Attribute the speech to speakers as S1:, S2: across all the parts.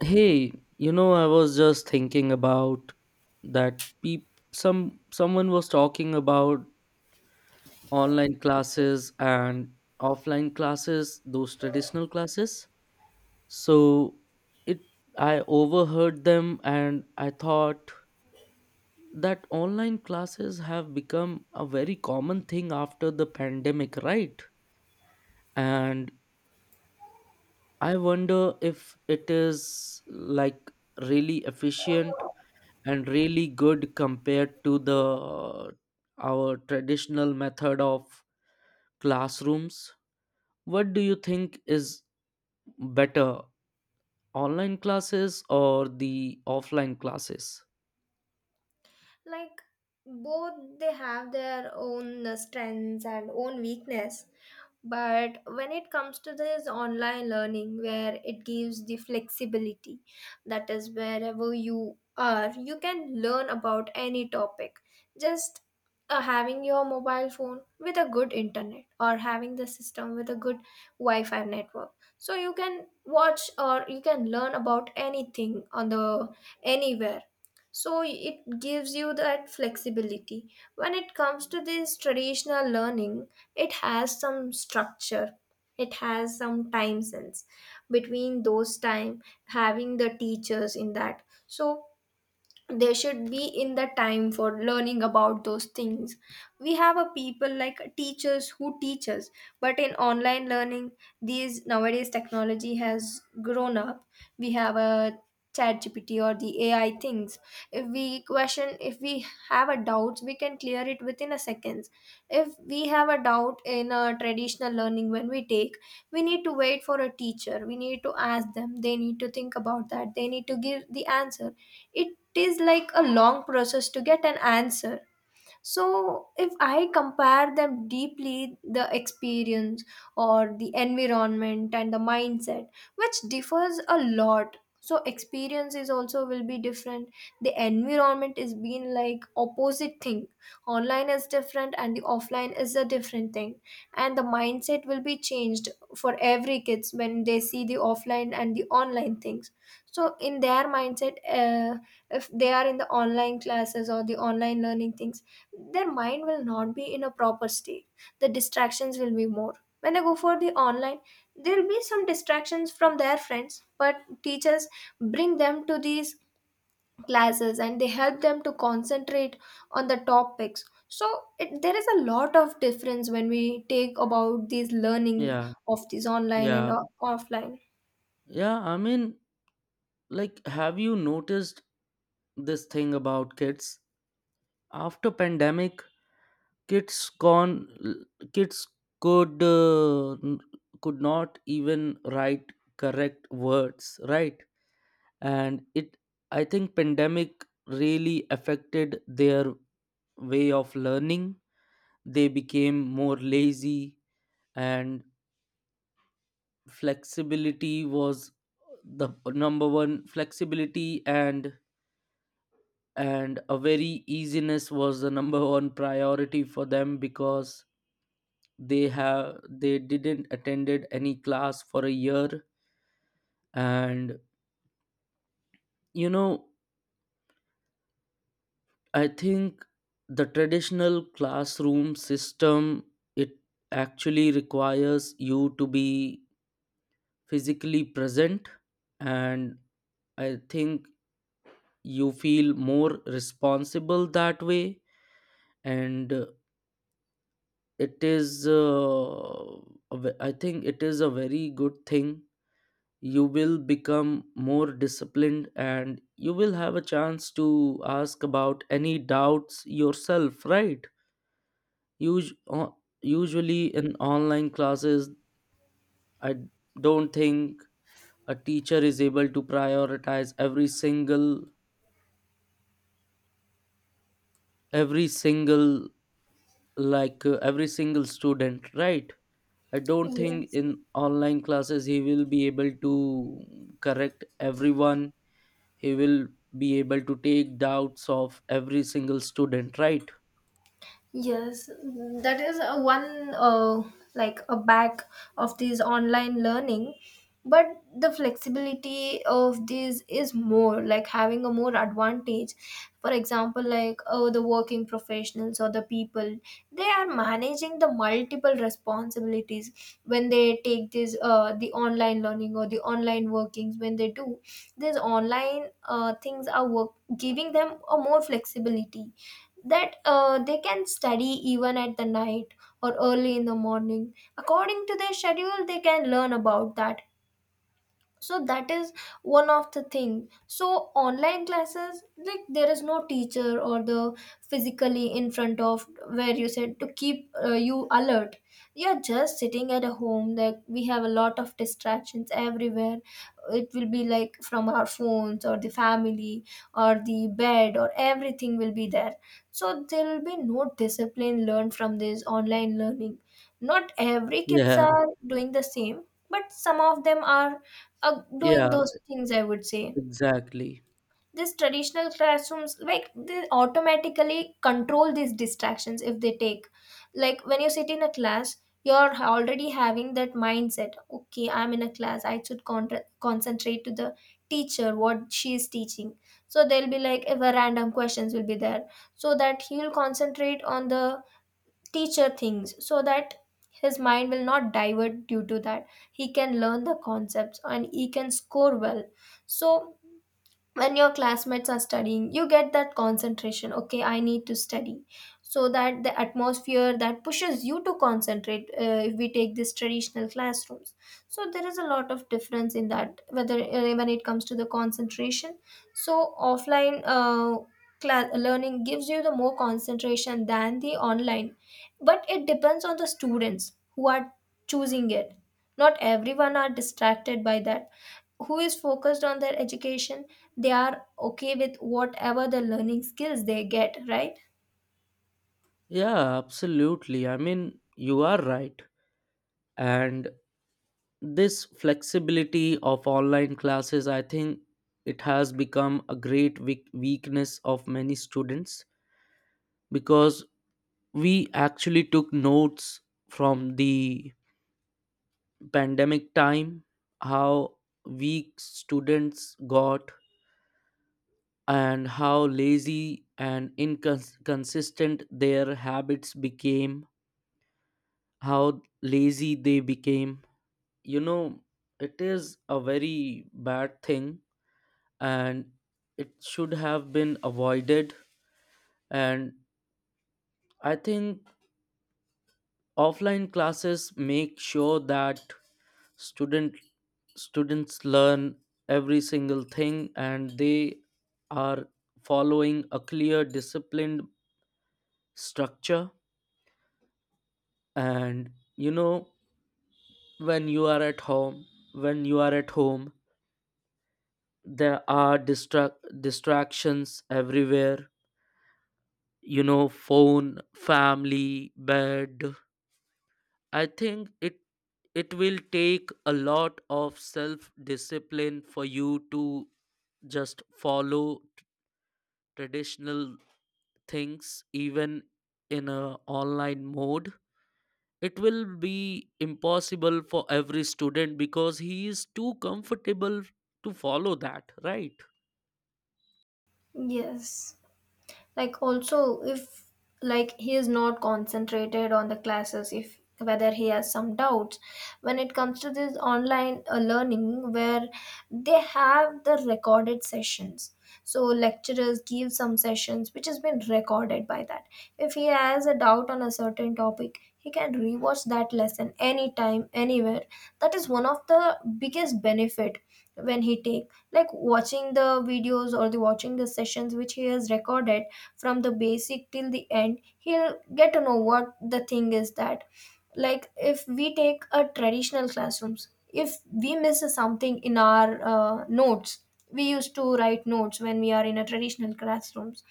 S1: Hey, you know, I was just thinking about that peep some someone was talking about online classes and offline classes, those traditional classes. So it I overheard them and I thought that online classes have become a very common thing after the pandemic, right? And I wonder if it is like really efficient and really good compared to the our traditional method of classrooms. What do you think is better, online classes or the offline classes?
S2: Like both, they have their own strengths and own weakness. But when it comes to this online learning where it gives the flexibility, that is, wherever you are you can learn about any topic just having your mobile phone with a good internet or having the system with a good wi-fi network. So you can watch or you can learn about anything on the anywhere, so it gives you that flexibility. When it comes to this traditional learning, it has some structure, it has some time sense, between those time having the teachers in that, so they should be in the time for learning about those things. We have a people like teachers who teach us, but in online learning, these nowadays technology has grown up, we have a chat gpt or the ai things. If we question, if we have a doubt, we can clear it within a seconds. If we have a doubt in a traditional learning when we take, we need to wait for a teacher, we need to ask them, they need to think about that, they need to give the answer. It is like a long process to get an answer. So if I compare them deeply, the experience or the environment and the mindset, which differs a lot, so experiences also will be different. The environment is being like opposite thing, online is different and the offline is a different thing, and the mindset will be changed for every kids when they see the offline and the online things. So in their mindset, if they are in the online classes or the online learning things, their mind will not be in a proper state, the distractions will be more. When they go for the online, there will be some distractions from their friends, but teachers bring them to these classes and they help them to concentrate on the topics. So there is a lot of difference when we take about these learning
S1: Yeah.
S2: of these online and
S1: yeah
S2: offline.
S1: yeah I mean, like, have you noticed this thing about kids after pandemic? Kids could uh, n- could not even write correct words, right? And it I think pandemic really affected their way of learning. They became more lazy, and flexibility was the number one flexibility, and a very easiness was the number one priority for them, because they didn't attended any class for a year. And, you know, I think the traditional classroom system, it actually requires you to be physically present, and I think you feel more responsible that way. And it is a ve- I think it is a very good thing. You will become more disciplined and you will have a chance to ask about any doubts yourself, right? Us- uh, Usually in online classes, I don't think a teacher is able to prioritize every single every single student, right? I don't think
S2: Yes.
S1: in online classes he will be able to correct everyone. He will be able to take doubts of every single student, right?
S2: Yes, that is a one, like a back of these online learning, but the flexibility of these is more like having a more advantage. For example, like oh, the working professionals or the people, they are managing the multiple responsibilities when they take this the online learning or the online workings when they do. These online things are work giving them a more flexibility, that they can study even at the night or early in the morning according to their schedule they can learn about that. So that is one of the thing. So online classes, like there is no teacher or the physically in front of where you said to keep you alert, you're just sitting at a home that we have a lot of distractions everywhere. It will be like from our phones or the family or the bed or everything will be there. So there will be no discipline learned from this online learning. Not every kids
S1: Yeah.
S2: are doing the same, but some of them are doing
S1: yeah
S2: those things, I would say.
S1: exactly
S2: These traditional classrooms, like they automatically control these distractions if they take, like when you sit in a class, you're already having that mindset, okay, I'm in a class I should concentrate to the teacher what she is teaching. So there'll be like ever random questions will be there, so that he'll concentrate on the teacher things, so that his mind will not divert due to that, he can learn the concepts and he can score well. So when your classmates are studying, you get that concentration, okay, I need to study. So that the atmosphere that pushes you to concentrate, if we take this traditional classrooms. So there is a lot of difference in that whether, when it comes to the concentration, so offline class learning gives you the more concentration than the online. But it depends on the students who are choosing it. Not everyone are distracted by that. Who is focused on their education, they are okay with whatever the learning skills they get, right?
S1: Yeah, absolutely. I mean, you are right. And this flexibility of online classes, I think, it has become a great weakness of many students, because we actually took notes from the pandemic time how weak students got, and how lazy and inconsistent their habits became, how lazy they became. You know, it is a very bad thing and it should have been avoided. And I think offline classes make sure that student students learn every single thing and they are following a clear disciplined structure. And, you know, when you are at home, when you are at home, there are distractions everywhere. You know, phone, family, bed. I think it will take a lot of self discipline for you to just follow traditional things. Even in a online mode, it will be impossible for every student because he is too comfortable to follow that, right?
S2: Yes. Like also if, like he is not concentrated on the classes, if whether he has some doubts, when it comes to this online learning, where they have the recorded sessions, so lecturers give some sessions which has been recorded by that. If he has a doubt on a certain topic, he can rewatch that lesson anytime anywhere. That is one of the biggest benefit. When he take like watching the videos or the watching the sessions which he has recorded, from the basic till the end, he'll get to know what the thing is that. Like if we take a traditional classrooms, if we miss something in our notes, we used to write notes when we are in a traditional classrooms,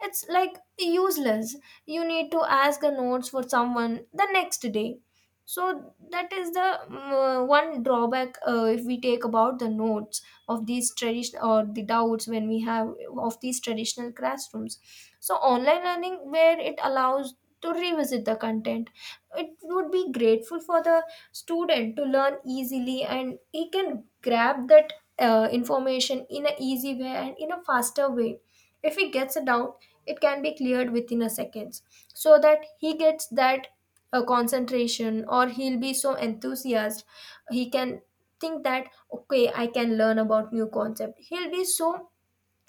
S2: it's like useless. You need to ask the notes for someone the next day. So that is the one drawback if we take about the notes of these traditional, or the doubts when we have, of these traditional classrooms. So online learning where it allows to revisit the content. It would be grateful for the student to learn easily and he can grab that information in an easy way and in a faster way. If he gets a doubt, it can be cleared within a seconds, so that he gets that concentration, or he'll be so enthusiastic, he can think that okay, I can learn about new concept, he'll be so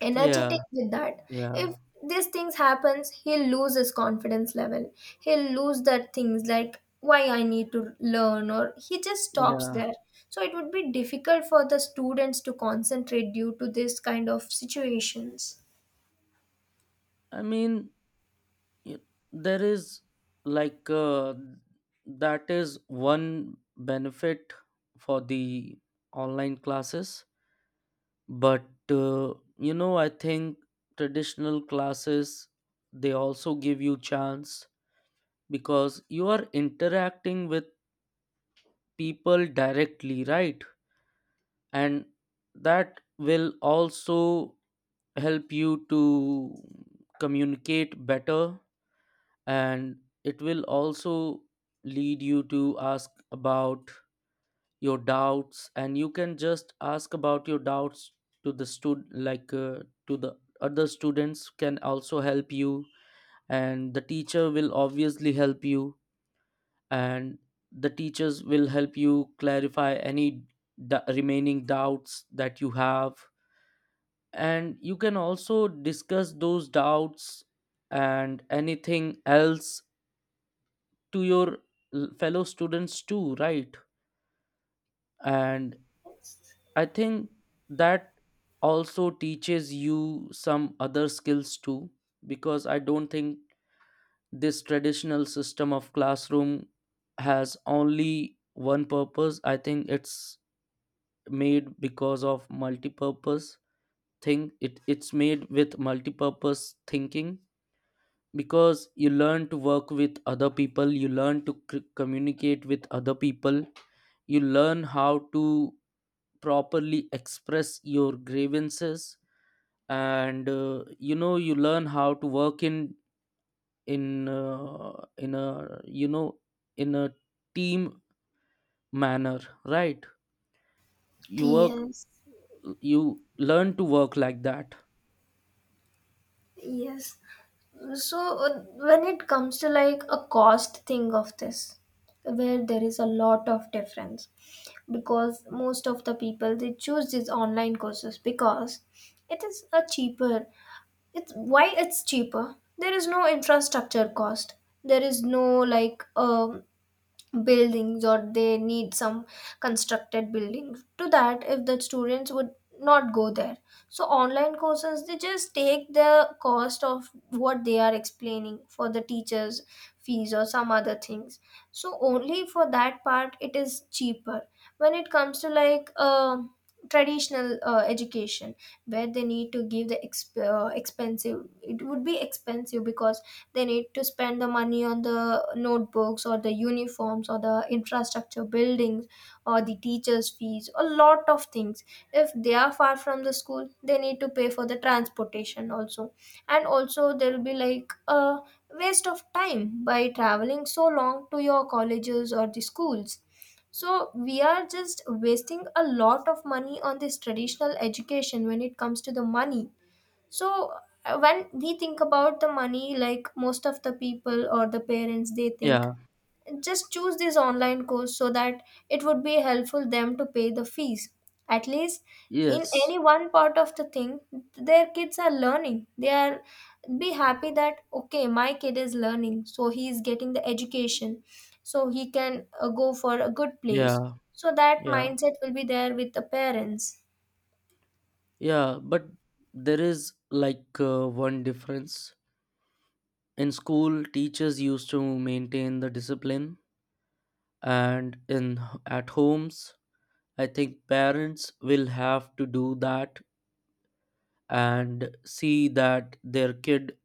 S2: energetic
S1: Yeah.
S2: with that. If
S1: Yeah.
S2: these things happens, he'll lose his confidence level, he'll lose that things, like why I need to learn, or he just stops
S1: yeah
S2: there. So it would be difficult for the students to concentrate due to this kind of situations.
S1: i mean yeah, there is like, that is one benefit for the online classes. But, uh, you know, I think traditional classes, they also give you chance, because you are interacting with people directly, right? And that will also help you to communicate better, and it will also lead you to ask about your doubts. And you can just ask about your doubts to the stud like to the other students, can also help you, and the teacher will obviously help you. And the teachers will help you clarify any remaining doubts that you have, and you can also discuss those doubts and anything else to your fellow students too, right? And I think that also teaches you some other skills too, because I don't think this traditional system of classroom has only one purpose. I think it's made because of multi-purpose thing. It's made with multi-purpose thinking, because you learn to work with other people, you learn to communicate with other people, you learn how to properly express your grievances. And, you know, you learn how to work in a you know in a team manner, right? You work
S2: Yes.
S1: you learn to work like that.
S2: Yes. So when it comes to like a cost thing of this, where there is a lot of difference, because most of the people they choose these online courses because it is a cheaper. It's why it's cheaper, there is no infrastructure cost, there is no like buildings or they need some constructed buildings to that if the students would not go there. So online courses, they just take the cost of what they are explaining, for the teachers fees or some other things. So only for that part it is cheaper. When it comes to like traditional education, where they need to give the expensive, it would be expensive because they need to spend the money on the notebooks or the uniforms or the infrastructure buildings or the teachers fees, a lot of things. If they are far from the school, they need to pay for the transportation also. And also there will be like a waste of time by traveling so long to your colleges or the schools. So we are just wasting a lot of money on this traditional education when it comes to the money. So when we think about the money, like most of the people or the parents, they think
S1: Yeah.
S2: just choose this online course so that it would be helpful them to pay the fees. At least in
S1: Yes.
S2: any one part of the thing, their kids are learning. They are be happy that okay, my kid is learning, so he is getting the education, so he can go for a good place.
S1: Yeah.
S2: So that
S1: Yeah.
S2: mindset will be there with the parents.
S1: Yeah, but there is like, one difference. In school, teachers used to maintain the discipline, and in at homes, I think parents will have to do that and see that their kid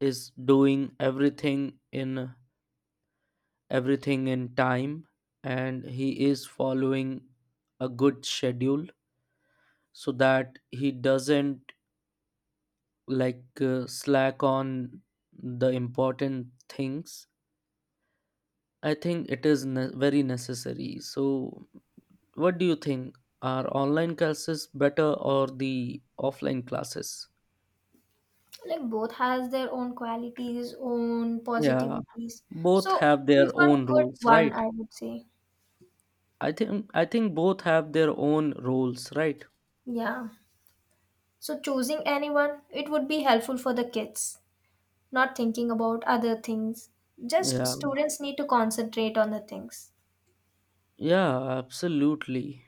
S1: is doing everything in time, and he is following a good schedule so that he doesn't like, slack on the important things. I think it is very necessary. So, what do you think? Are online classes better or the offline classes?
S2: Like both has their own qualities, own
S1: Yeah,
S2: positivities,
S1: both
S2: so
S1: have their
S2: prefer
S1: own
S2: good
S1: rules,
S2: one,
S1: right?
S2: I would say.
S1: I think both have their own roles, right?
S2: Yeah. So choosing anyone it would be helpful for the kids, not thinking about other things, just
S1: Yeah,
S2: students need to concentrate on the things.
S1: yeah, absolutely.